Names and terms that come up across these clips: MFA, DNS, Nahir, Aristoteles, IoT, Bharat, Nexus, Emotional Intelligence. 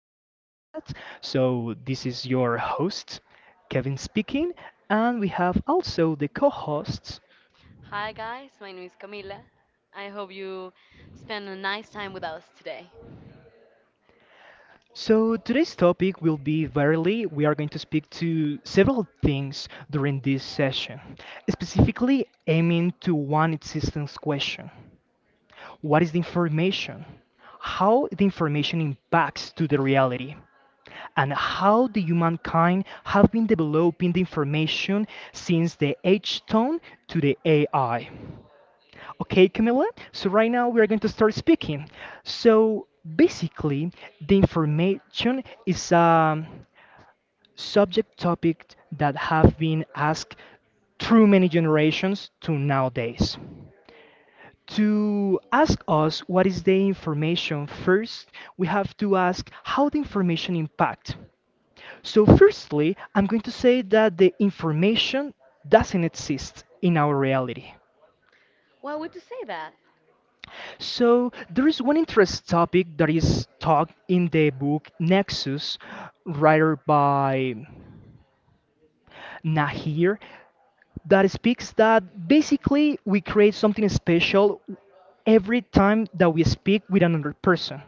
to the postcard. So this is your host, Kevin speaking, and we have also the co-hosts. Hi guys, my name is Camila. I hope you spend a nice time with us today. So today's topic will be verily we are going to speak to several things during this session, specifically aiming to one existence question. What is the information? How the information impacts to the reality? And how the humankind have been developing the information since the H tone to the AI. Okay, Camilla, so right now we are going to start speaking. So basically, the information is a subject topic that have been asked through many generations to nowadays. To ask us what is the information first, we have to ask how the information impact. So, firstly, I'm going to say that the information doesn't exist in our reality. Why would you say that? So, there is one interest topic that is talked in the book Nexus, writer by Nahir, that speaks that basically we create something special every time that we speak with another person.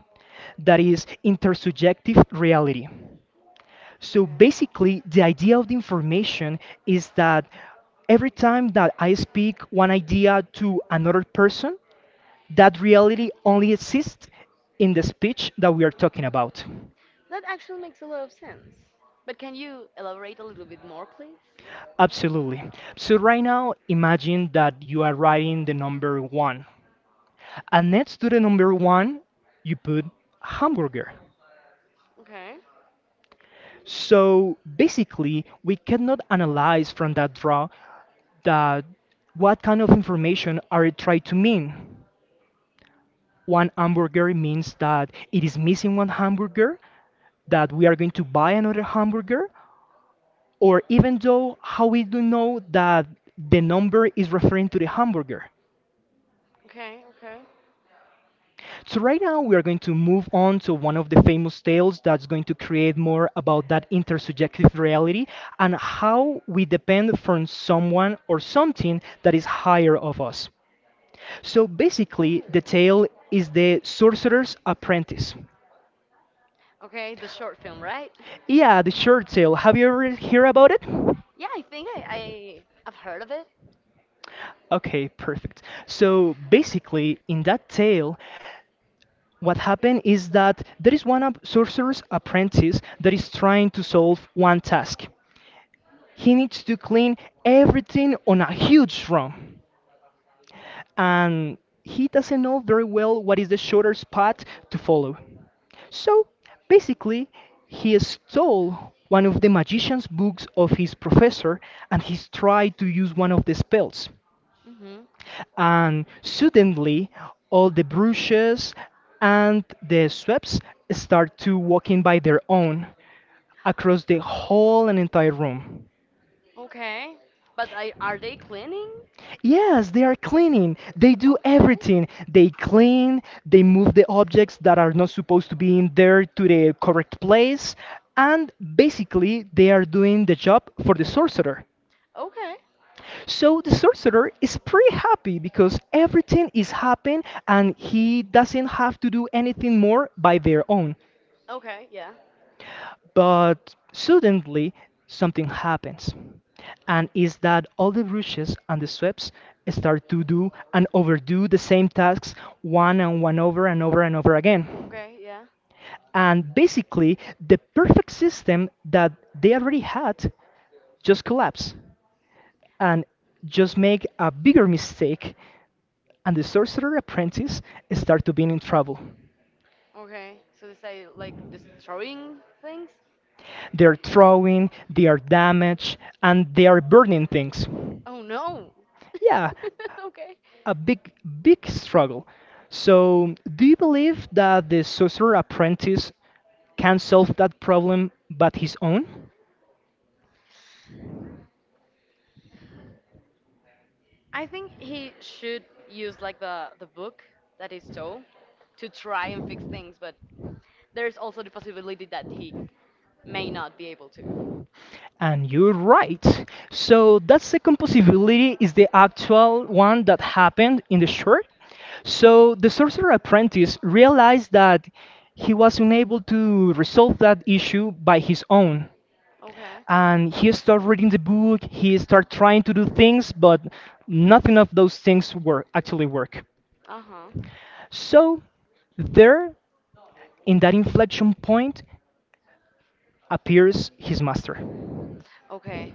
That is intersubjective reality. So basically, the idea of the information is that every time that I speak one idea to another person, that reality only exists in the speech that we are talking about. That actually makes a lot of sense. But can you elaborate a little bit more, please? Absolutely. So right now, imagine that you are writing the number one, and next to the number one, you put hamburger. Okay, So basically, we cannot analyze from that draw that what kind of information are it trying to mean. One hamburger means that it is missing one hamburger, that we are going to buy another hamburger, or even though how we do know that the number is referring to the hamburger. okay, okay. So right now we are going to move on to one of the famous tales that's going to create more about that intersubjective reality and how we depend from someone or something that is higher of us. So basically the Yeah. tale is the sorcerer's apprentice. Okay, the short film, right? Yeah, the short tail. Have you ever heard about it? Yeah, I think I've heard of it. Okay, perfect. So basically, in that tale, what happened is that there is one sorcerer's apprentice that is trying to solve one task. He needs to clean everything on a huge drum, and he doesn't know very well what is the shortest path to follow. So basically, he stole one of the magician's books of his professor and he's tried to use one of the spells. Hmm. And suddenly all the brushes and the sweeps start to walking by their own across the whole and entire room. Okay. But are they cleaning? Yes, they are cleaning. They do Okay. everything. They clean, they move the objects that are not supposed to be in there to the correct place, and basically they are doing the job for the sorcerer. Okay. So the sorcerer is pretty happy because everything is happening and he doesn't have to do anything more by their own. Okay. Yeah. But suddenly something happens. And is that all the brushes and the sweeps start to do and overdo the same tasks one and one over and over and over again. Okay. Yeah. And basically the perfect system that they already had just collapse and just make a bigger mistake and the sorcerer apprentice start to be in trouble. Okay. So they say like destroying things? They're throwing, they are damaged, and they are burning things. Oh no. Yeah, Okay. a big, big struggle. So, do you believe that the sorcerer apprentice can solve that problem but his own? I think he should use like the book that he stole to try and fix things, but there's also the possibility that he may not be able to. And you're right. So that second possibility is the actual one that happened in the short. So the sorcerer apprentice realized that he was unable to resolve that issue by his own. Okay. And he started reading the book, he started trying to do things, but nothing of those things work actually work. Uh huh. So there in that inflection point appears his master. Okay.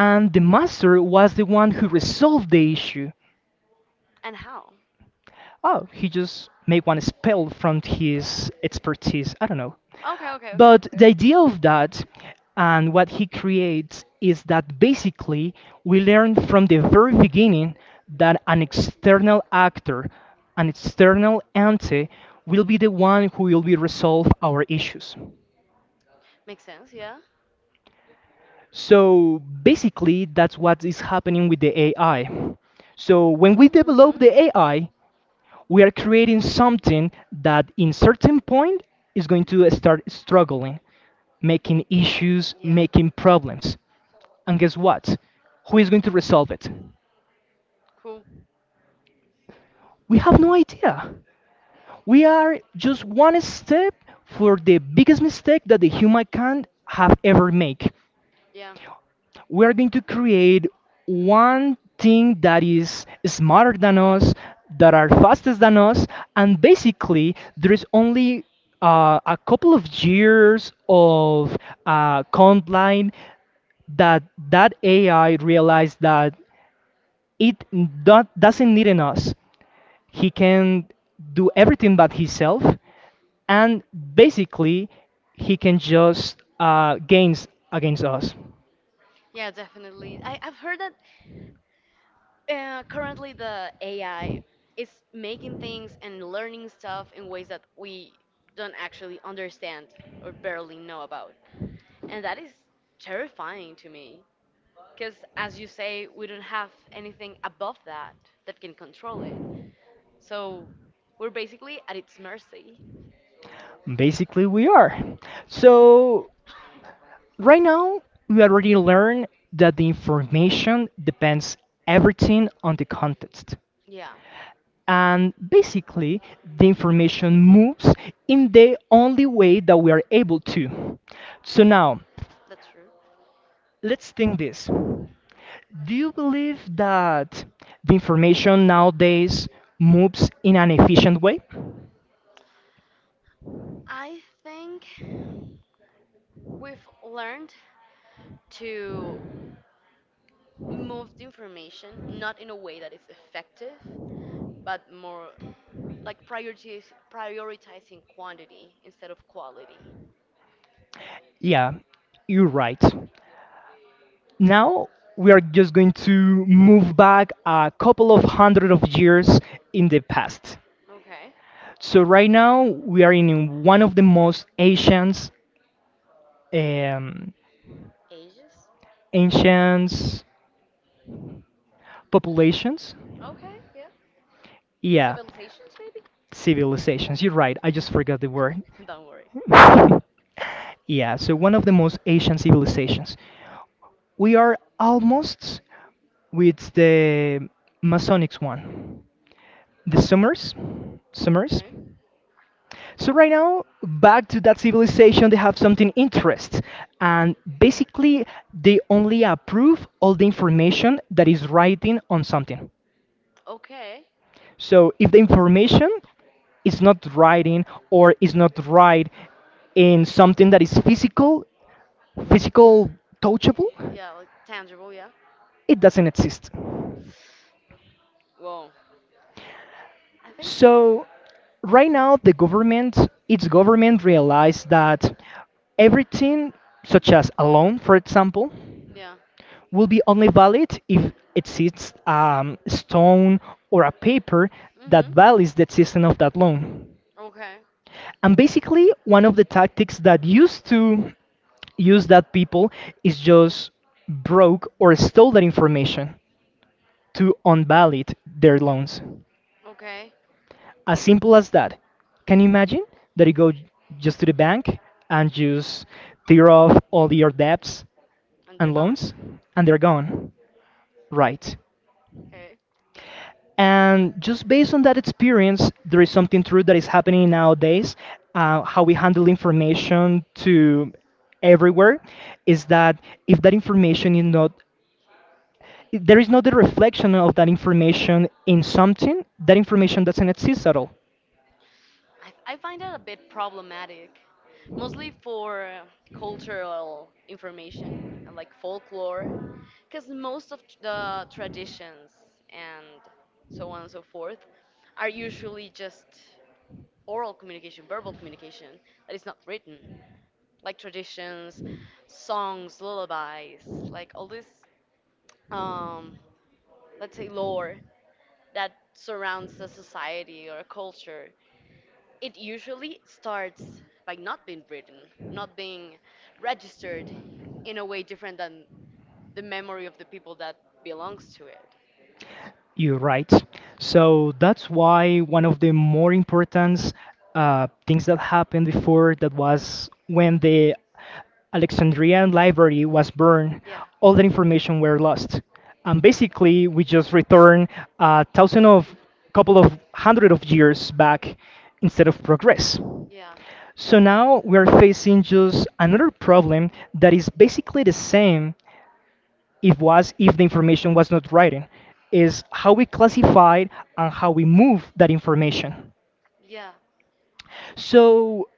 And the master was the one who resolved the issue. And how? Oh, he just make one spell from his expertise. I don't know. Okay, okay, okay. But the idea of that and what he creates is that basically we learn from the very beginning that an external actor, an external entity, will be the one who will be resolve our issues. Makes sense, yeah? So basically, that's what is happening with the AI. So when we develop the AI, we are creating something that in certain point is going to start struggling making issues Yeah. making problems and guess what who is going to resolve it, Cool. we have no idea. We are just one step for the biggest mistake that the human can have ever make. Yeah. We are going to create one thing that is smarter than us, that are faster than us, and basically there is only a couple of years of command line that AI realized that it doesn't need an us. He can do everything but himself, and basically he can just gains against us. Yeah, definitely. I've heard that currently the AI is making things and learning stuff in ways that we don't actually understand or barely know about. And that is terrifying to me. Because, as you say, we don't have anything above that that can control it. So we're basically at its mercy. Basically, we are. So, right now, we already learned that the information depends everything on the context. Yeah, And basically, the information moves in the only way that we are able to. So, now, that's true. let's think this. Do you believe that the information nowadays moves in an efficient way? I think we've learned to move the information not in a way that is effective, but more like priorities, prioritizing quantity instead of quality. Yeah, you're right. Now we are just going to move back a couple of hundred of years in the past. Okay. So right now we are in one of the most ancient, um, Ages? ancient populations. Okay, yeah. Yeah, Civilizations, maybe? civilizations. You're right. I just forgot the word. Don't worry. Yeah. So one of the most ancient civilizations. We are almost with the Masonic one. The Summers. Summers. Okay. So right now, back to that civilization, they have something interest, and basically they only approve all the information that is writing on something. Okay. So if the information is not writing or is not right in something that is physical, physical touchable, Yeah, like tangible, yeah. it doesn't exist. Whoa. I think. So right now the government, its government realized that everything such as a loan, for example, Yeah. will be only valid if it is a stone or a paper that Mhm. validates the existence of that loan. Okay. And basically, one of the tactics that used to use that people is just broke or stole that information to unvalid their loans. Okay. As simple as that. Can you imagine that you go just to the bank and just tear off all your debts And they're and gone. loans and they're gone? Right. Okay. And just based on that experience, there is something true that is happening nowadays. How we handle information to everywhere is that if that information is not if there is not the reflection of that information in something, that information doesn't exist at all. I find that a bit problematic, mostly for cultural information and like folklore, because most of the traditions and so on and so forth are usually just oral communication, verbal communication that is not written, like traditions, songs, lullabies, like all this, um, let's say, lore that surrounds the society or culture, it usually starts by not being written, not being registered in a way different than the memory of the people that belongs to it. You're right. So that's why one of the more important things that happened before that was when the Alexandrian library was burned, Yeah, all the information were lost. And basically, we just return a thousand of couple of hundred of years back instead of progress. yeah, So now we are facing just another problem that is basically the same it was if the information was not written is how we classified and how we move that information. yeah. So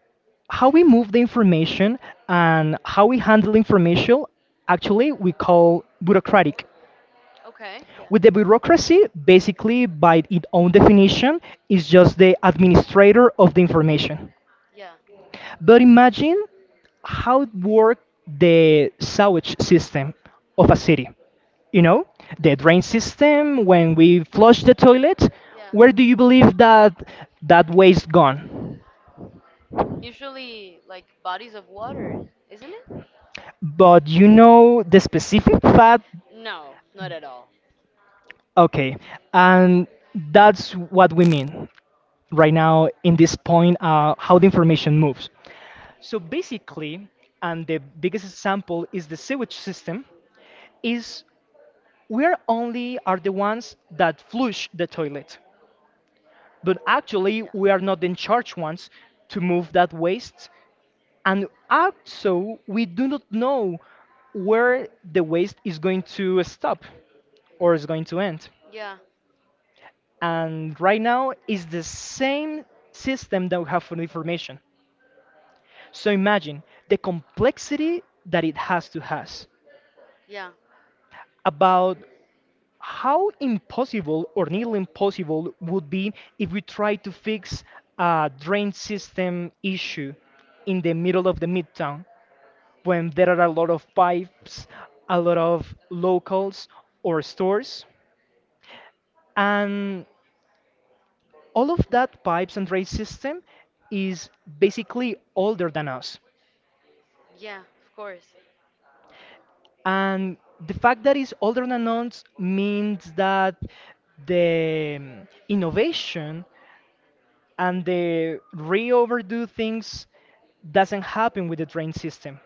how we move the information and how we handle information actually we call bureaucratic. Okay. Yeah. With the bureaucracy basically by its own definition is just the administrator of the information. Yeah. But imagine how it worked the sewage system of a city. You know, the Mm, drain system when we flush the toilet. yeah. Where do you believe that that waste gone? Usually, like bodies of water, isn't it? But you know the specific fact. No, not at all. Okay, and that's what we mean right now in this point. How the information moves. So basically, and the biggest example is the sewage system is we're only are the ones that flush the toilet but actually we are not in Yeah. charge ones to move that waste and also we do not know where the waste is going to stop or is going to end, Yeah, and right now is the same system that we have for information. So imagine the complexity that it has to has yeah. about how impossible or nearly impossible would be if we try to fix a drain system issue in the middle of the midtown when there are a lot of pipes, a lot of locals or stores, and all of that pipes and drain system is basically older than us. Yeah, of course. And the fact that it's older than us means that the innovation and the re-overdo things doesn't happen with the train system.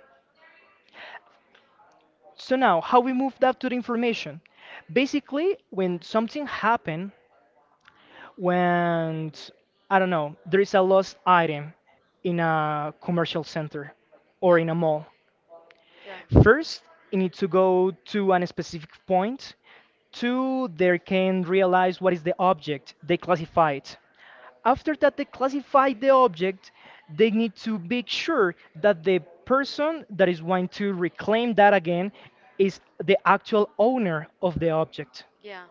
So now, how we move that to the information? Basically, when something happen, when I don't know, there is a lost item in a commercial center Or yeah, or in in a a mall. mall. Yeah, First, it needs to go to an specific point. Two, they can realize what is the object. They classify it. After that they classify the object, they need to make sure that the person that is going to reclaim that again is the actual owner of the object. yeah,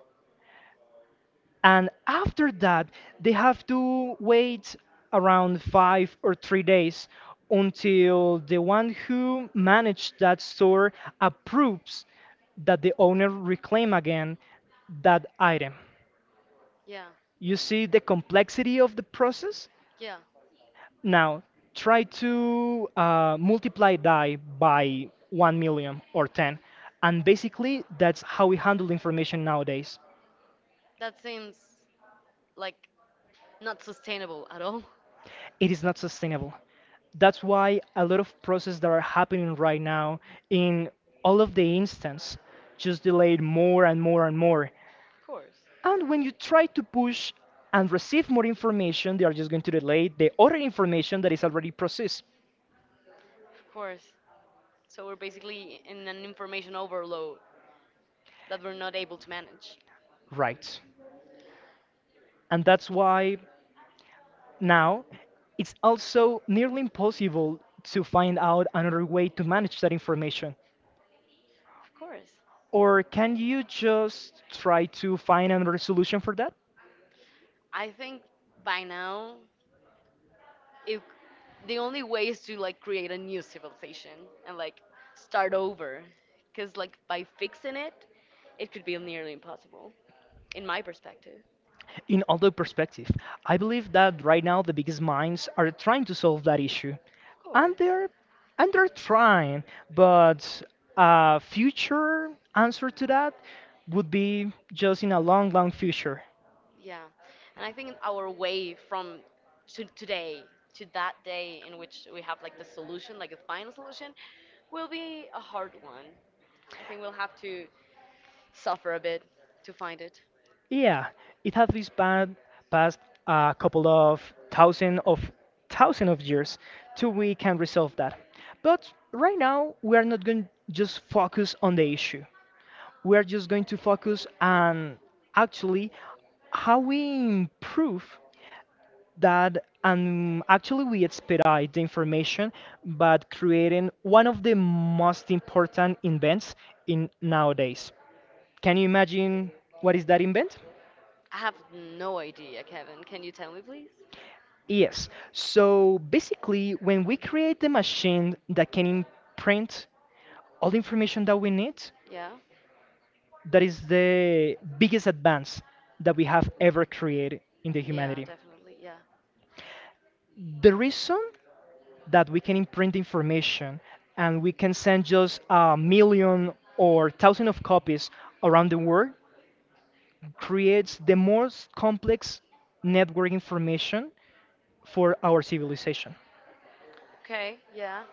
And after that, they have to wait around 5 or 3 days until the one who managed that store approves that the owner reclaim again that item. yeah, You see the complexity of the process? yeah. Now, try to multiply that by one million or 10. And basically, that's how we handle information nowadays. That seems like not sustainable at all. Of It is not sustainable. That's why a lot of processes that are happening right now in all of the instance just delayed more and more and more. course. And Yeah. when you try to push and receive more information, they are just going to delay the other information that is already processed, Of course. So we're basically in an information overload that we're not able to manage. right? And that's why Now, It's also nearly impossible to find out another way to manage that information. Of course. Or can you just try to find another solution for that? I think by now, it, the only way is to like create a new civilization and like start over, because like by fixing it, it could be nearly impossible. In my perspective. In other perspective, I believe that right now the biggest minds are trying to solve that issue. Of Oh course. And they're and they're trying, but a future answer to that would be just in a long, long future. Yeah. Yeah. And I think our way from to today to that day in which we have like the solution, like the final solution, will be a hard one. I think we'll have to suffer a bit to find it. Yeah, it has been span past a couple of thousand of thousand of years till we can resolve that. But right now we are not going to just focus on the issue. We are just going to focus on actually how we improve that, and actually we expedite the information but creating one of the most important invents in nowadays. Can you imagine what is that invent? I have no idea, Kevin. Can you tell me, please? Yes. So basically, when we create the machine that can imprint all the information that we need, Yeah. that is the biggest advance that we have ever created in the Yeah, humanity. definitely. Yeah. The reason that we can imprint the information and we can send just a million or thousand of copies around the world creates the most complex network information for our civilization. Okay. Yeah.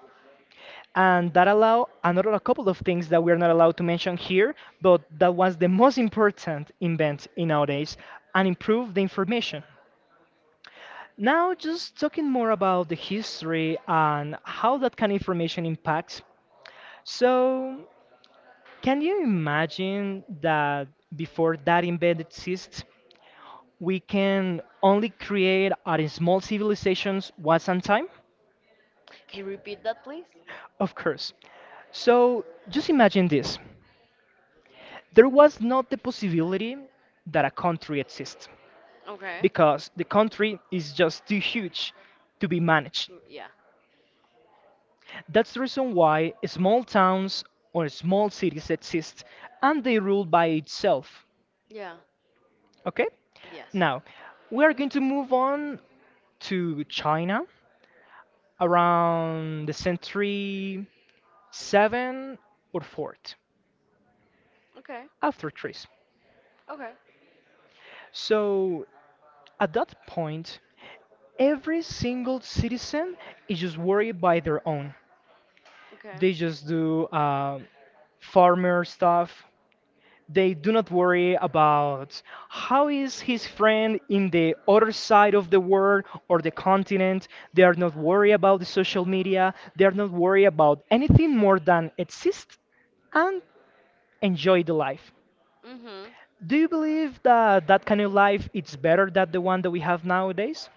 And that allow another a couple of things that we're not allowed to mention here, but that was the most important invent in nowadays and improve the information. Now just talking more about the history and how that kind of information impacts, so can you imagine that before that invent exists, we can only create our small civilizations once on time. Can you repeat that, please? Of course, so just imagine this. There was not the possibility that a country exists, Okay. because the Mm, country is just too huge to be managed. yeah. That's the reason why small towns or small cities exist and they rule by itself. Yeah. Okay? Yes. Now, we are going to move on to China around the century 7 or 4th Okay. after Christ. Okay. So, at that point, every single citizen is just worried by their own. They Okay. just do farmer stuff. They do not worry about how is his friend in the other side of the world or the continent. They are not worried about the social media. They are not worried about anything more than exist and enjoy the life. Mm-hmm. Do you believe that that kind of life is better than the one that we have nowadays?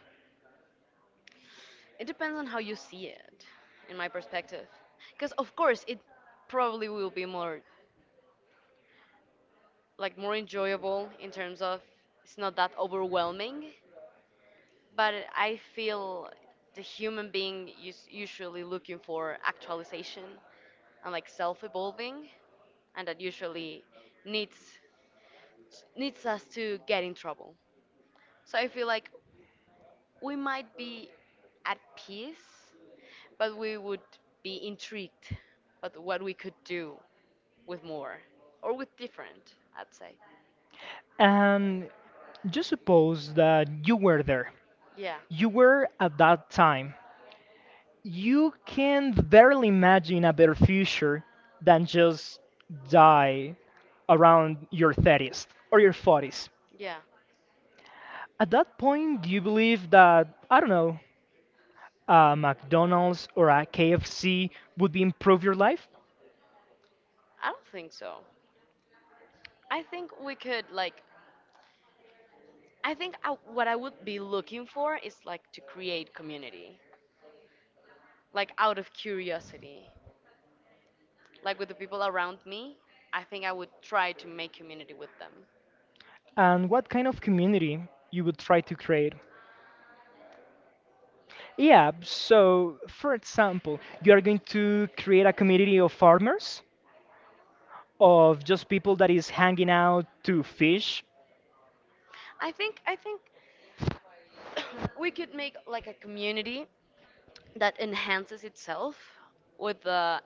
It depends on how you see it, in my perspective. Because, of course, it probably will be more, like, more enjoyable in terms of it's not that overwhelming. But I feel the human being is usually looking for actualization and, like, self-evolving, and that usually needs needs us to get in trouble. So I feel like we might be at peace, but we would be intrigued at what we could do with more or with different, I'd say. And just suppose that you were there. Yeah, You were at that time. You can barely imagine a better future than just die around your 30s or your 40s. yeah. At that point, do you believe that, I don't know, a McDonald's or a KFC would be improve your life? I don't think so. I think we could, like, I think what I would be looking for is, like, to create community, like, out of curiosity. Like, with the people around me, I think I would try to make community with them. And what kind of community you would try to create? Yeah, so for example, you are going to create a community of farmers, of just people that is hanging out to fish. I think we could make, like, a community that enhances itself with the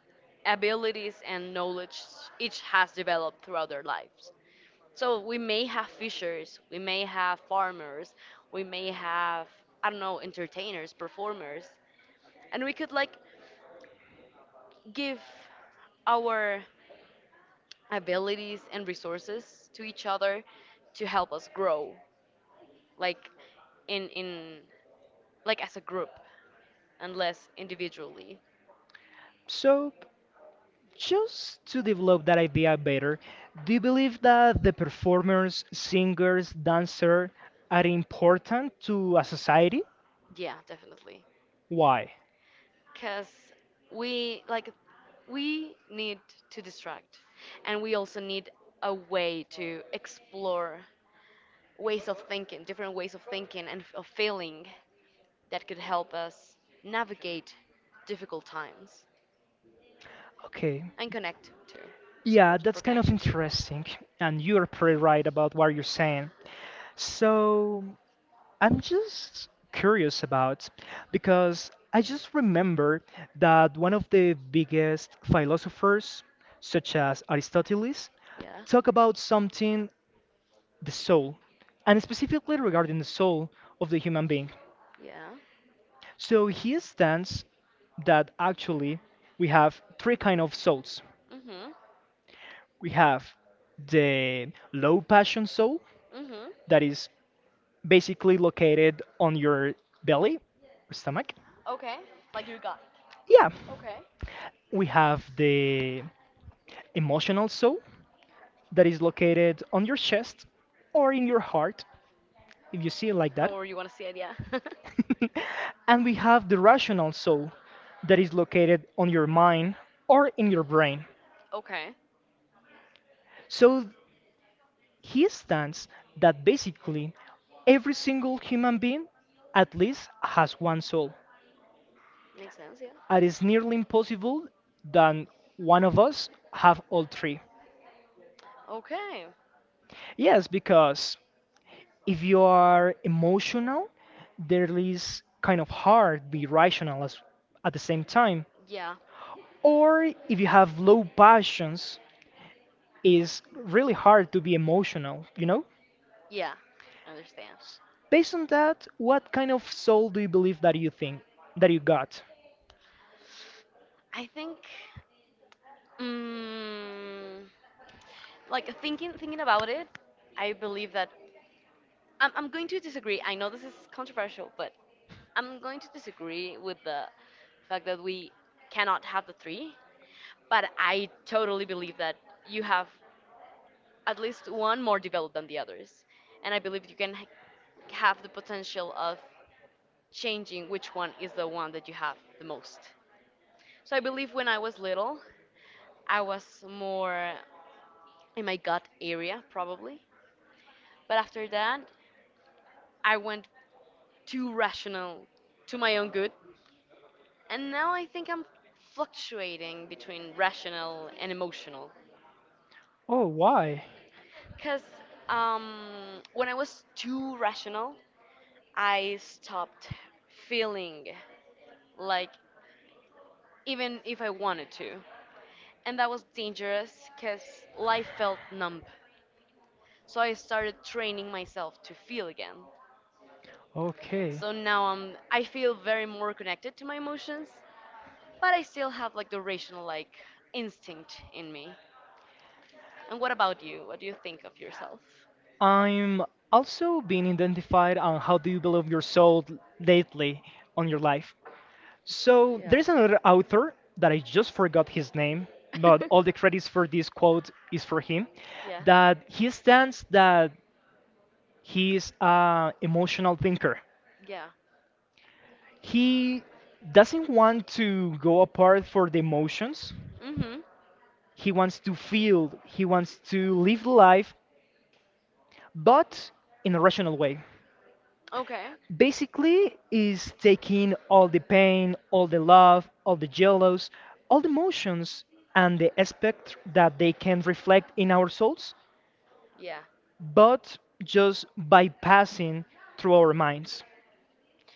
abilities and knowledge each has developed throughout their lives. So we may have fishers, we may have farmers, we may have, I don't know, entertainers, performers, and we could like give our abilities and resources to each other to help us grow, like in like as a group and less individually. So, just to develop that idea better, do you believe that the performers, singers, dancer are important to a society? Yeah, definitely. Why? Because we like we need to distract and we also need a way to explore ways of thinking, different ways of thinking and of feeling that could help us navigate difficult times Okay. and connect too. It's Yeah, important that's for kind of connection too. interesting. And you're pretty right about what you're saying. So, I'm just curious about because I just remember that one of the biggest philosophers, such as Aristoteles, Yeah. talk about something, the soul, and specifically regarding the soul of the human being. Yeah. So he stands that actually we have three kind of souls. Mm-hmm. We have the low passion soul Mm-hmm. that is basically located on your belly, stomach. Okay, like your gut. Yeah. Okay. We have the emotional soul that is located on your chest or in your heart, if you see it like that. However you want to see it, yeah. And we have the rational soul that is located on your mind or in your brain. Okay. So he stands that basically every single human being at least has one soul. Makes sense, yeah. And it's nearly impossible that one of us have all three. Okay. Yes, because if you are emotional, there is kind of hard to be rational as, at the same time. Yeah. Or if you have low passions, it's really hard to be emotional, you know? Yeah, I understand. S- Based on that, what kind of soul do you believe that you think that you got? I think, mm, like thinking about it, I believe that I'm going to disagree. I know this is controversial, but I'm going to disagree with the fact that we cannot have the three. But I totally believe that you have at least one more developed than the others, and I believe you can have the potential of changing which one is the one that you have the most. So I believe when I was little, I was more. In my gut area probably, but after that I went too rational to my own good, and now I think I'm fluctuating between rational and emotional. Oh, why? Because when I was too rational I stopped feeling, like, even if I wanted to. And that was dangerous because life felt numb, so I started training myself to feel again. Okay. So now I feel very more connected to my emotions, but I still have like the rational like instinct in me. And what about you? What do you think of yourself? I'm also being identified on how do you believe your soul lately on your life? So Yeah. there's another author that I just forgot his name, but all the credits for this quote is for him. Yeah. That he stands that he's a emotional thinker. Yeah. He doesn't want to go apart for the emotions. Mm-hmm. He wants to feel. He wants to live life, but in a rational way. Okay. Basically is taking all the pain, all the love, all the jealous, all the emotions and the aspect that they can reflect in our souls, Yeah. but just bypassing through our minds.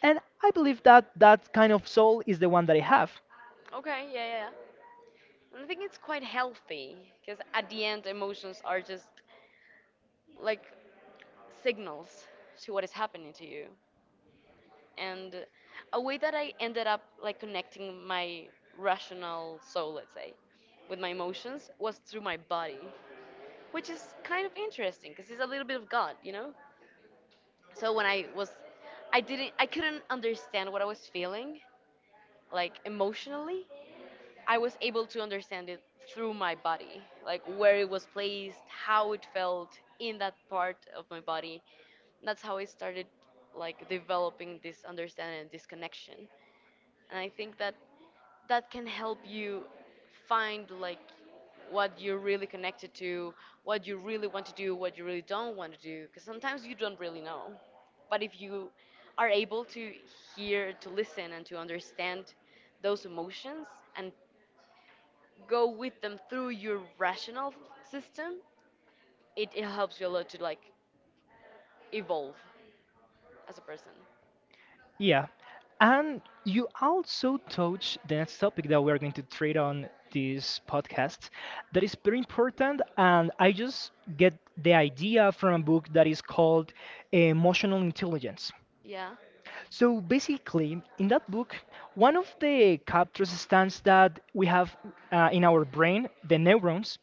And I believe that that kind of soul is the one that I have. Okay. Yeah, yeah, yeah. And I think it's quite healthy because at the end, emotions are just like signals to what is happening to you. And a way that I ended up like connecting my rational soul, let's say, with my emotions was through my body, which is kind of interesting because it's a little bit of God, you know. So when I was, I didn't, I couldn't understand what I was feeling, like emotionally. I was able to understand it through my body, like where it was placed, how it felt in that part of my body. That's how I started like developing this understanding and this connection. And I think that that can help you find like what you're really connected to, what you really want to do, what you really don't want to do, because sometimes you don't really know. But if you are able to hear, to listen, and to understand those emotions and go with them through your rational system, it helps you a lot to like evolve as a person. Yeah, and you also touch the next topic that we're going to treat on this podcast that is very important. And I just get the idea from a book that is called Emotional Intelligence. Yeah, So basically, in that book, one of the captures stands that we have in our brain, the neurons,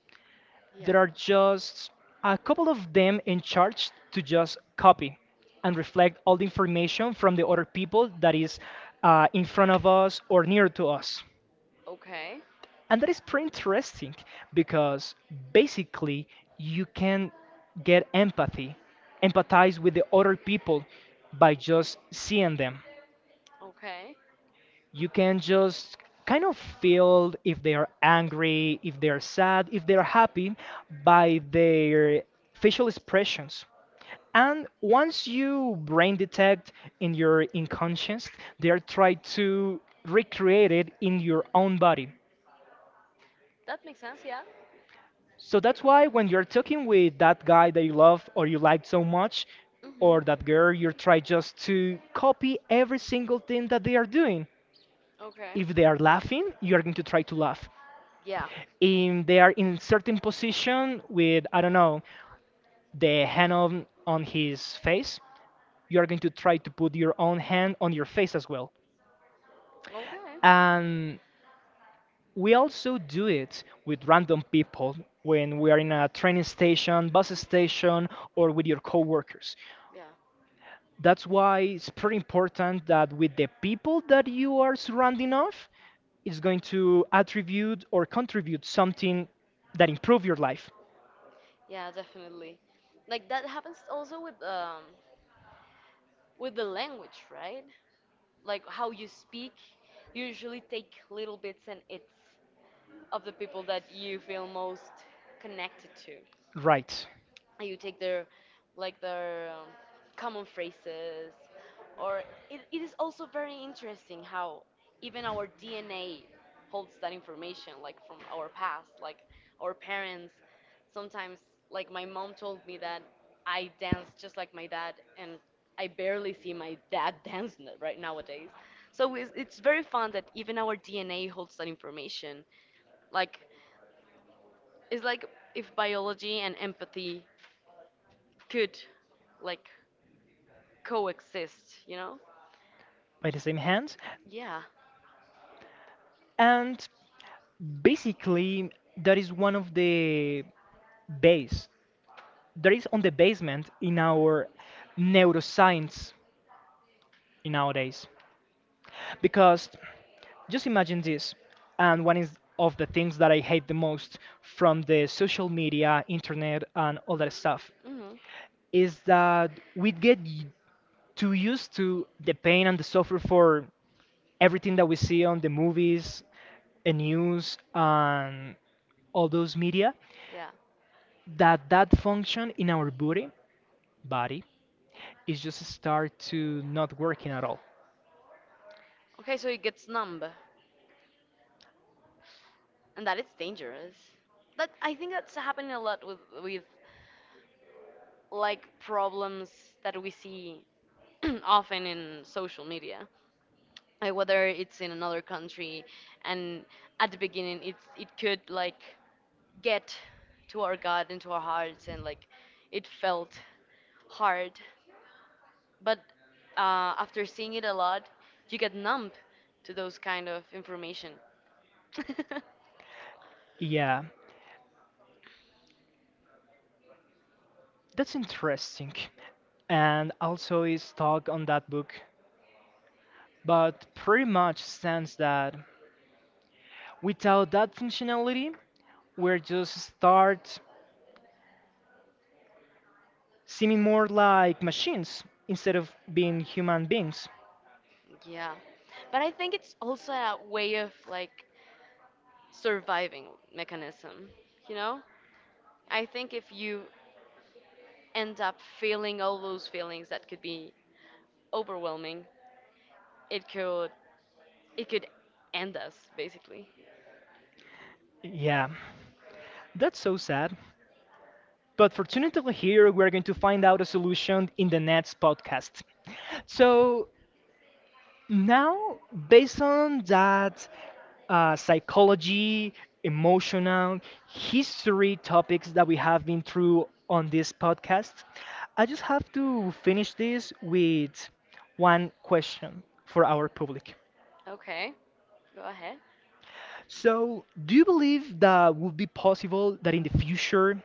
yeah. there are just a couple of them in charge to just copy and reflect all the information from the other people that is in front of us or near to us. Okay, And that is pretty interesting because basically you can get empathy, empathize with the other people by just seeing them. okay. You can just kind of feel if they are angry, if they are sad, if they are happy by their facial expressions. And once you brain detect in your unconscious, they are trying to recreate it in your own body. That makes sense, yeah. So that's why when you're talking with that guy that you love or you like so much, Mhm. or that girl, you try just to copy every single thing that they are doing. Okay. If they are Nothing. laughing, you are going to try to laugh. Yeah. If they are in certain position with, I don't know, the hand on his face, you are going to try to put your own hand on your face as well. Okay. And we also do it with random people when we are in a train station, bus station, or with your coworkers. Yeah. That's why it's pretty important that with the people that you are surrounding of, it's going to attribute or contribute something that improve your life, Yeah, definitely. Like that happens also with the language, right? Like how you speak, you usually take little bits and it's of the people that you feel most connected to. right? You take their like their common phrases or it is also very interesting how even our DNA holds that information, like from our past, like our parents sometimes. Like my mom told me that I dance just like my dad and I barely see my dad dance right nowadays. So it's very fun that even our DNA holds that information, like it's like if biology and empathy could like coexist, you know? By the same hand, Yeah. and basically that is one of the base that is on the basement in our neuroscience in nowadays, because just imagine this, and one is of the things that I hate the most from the social media, internet, and all that stuff Mhm. is that we get too used to the pain and the suffer for everything that we see on the movies, and news, and all those media, Yeah. that that function in our body is just start to not working at all. Okay, so it gets numb, and that is dangerous. That I think that's happening a lot with like problems that we see often in social media. Like whether it's in another country, and at the beginning it could like get to our gut and to our hearts, and like it felt hard. But after seeing it a lot, you get numb to those kind of information. Yeah, that's interesting. And also is talk on that book but pretty much stands that without that functionality, we're just start seeming more like machines instead of being human beings. Yeah. But I think it's also a way of like surviving mechanism, you know? I think if you end up feeling all those feelings that could be overwhelming, it could it could end us basically. Yeah, that's so sad. But fortunately, here we're going to find out a solution in the next podcast. So, Now, Based on that psychology, emotional, history topics that we have been through on this podcast, I just have to finish this with one question for our public. Okay, go ahead. So, do you believe that would be possible that in the future,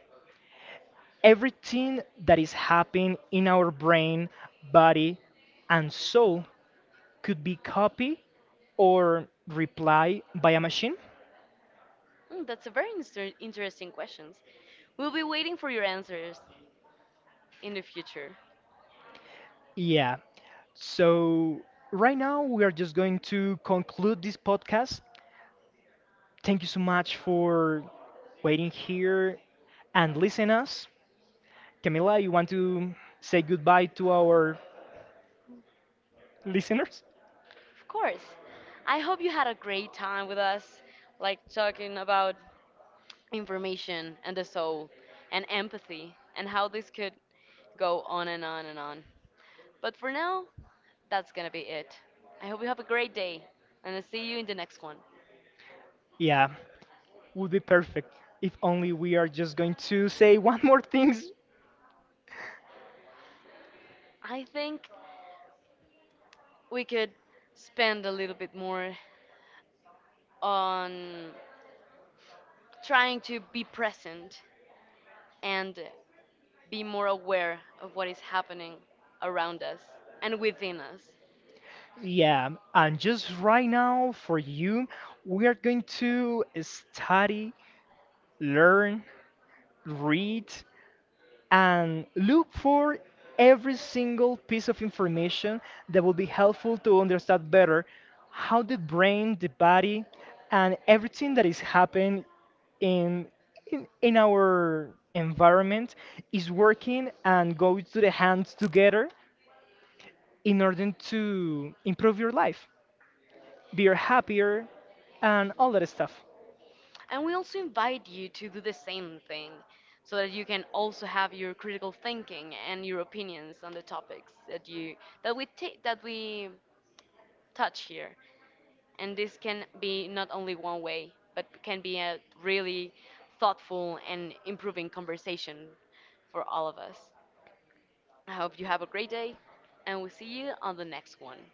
everything that is happening in our brain, body, and soul could be copied or replied by a machine? Hmm, that's a very interesting questions. We'll be waiting for your answers in the future. Yeah. So right now we are just going to conclude this podcast. Thank you so much for waiting here and listening us. Camila, you want to say goodbye to our listeners? Of course. I hope you had a great time with us, like talking about information and the soul and empathy and how this could go on and on and on. But for now, that's gonna be it. I hope you have a great day and I'll see you in the next one. Yeah, would be perfect. If only we are just going to say one more things. I think we could spend a little bit more on trying to be present and be more aware of what is happening around us and within us. Yeah, and just right now for you, we are going to study, learn, read, and look for every single piece of information that will be helpful to understand better how the brain, the body, and everything that is happening in, in our environment is working and go to the hands together in order to improve your life, be happier, and all that stuff. And we also invite you to do the same thing so that you can also have your critical thinking and your opinions on the topics that you that we touch here. And this can be not only one way, but can be a really thoughtful and improving conversation for all of us. I hope you have a great day and we'll see you on the next one.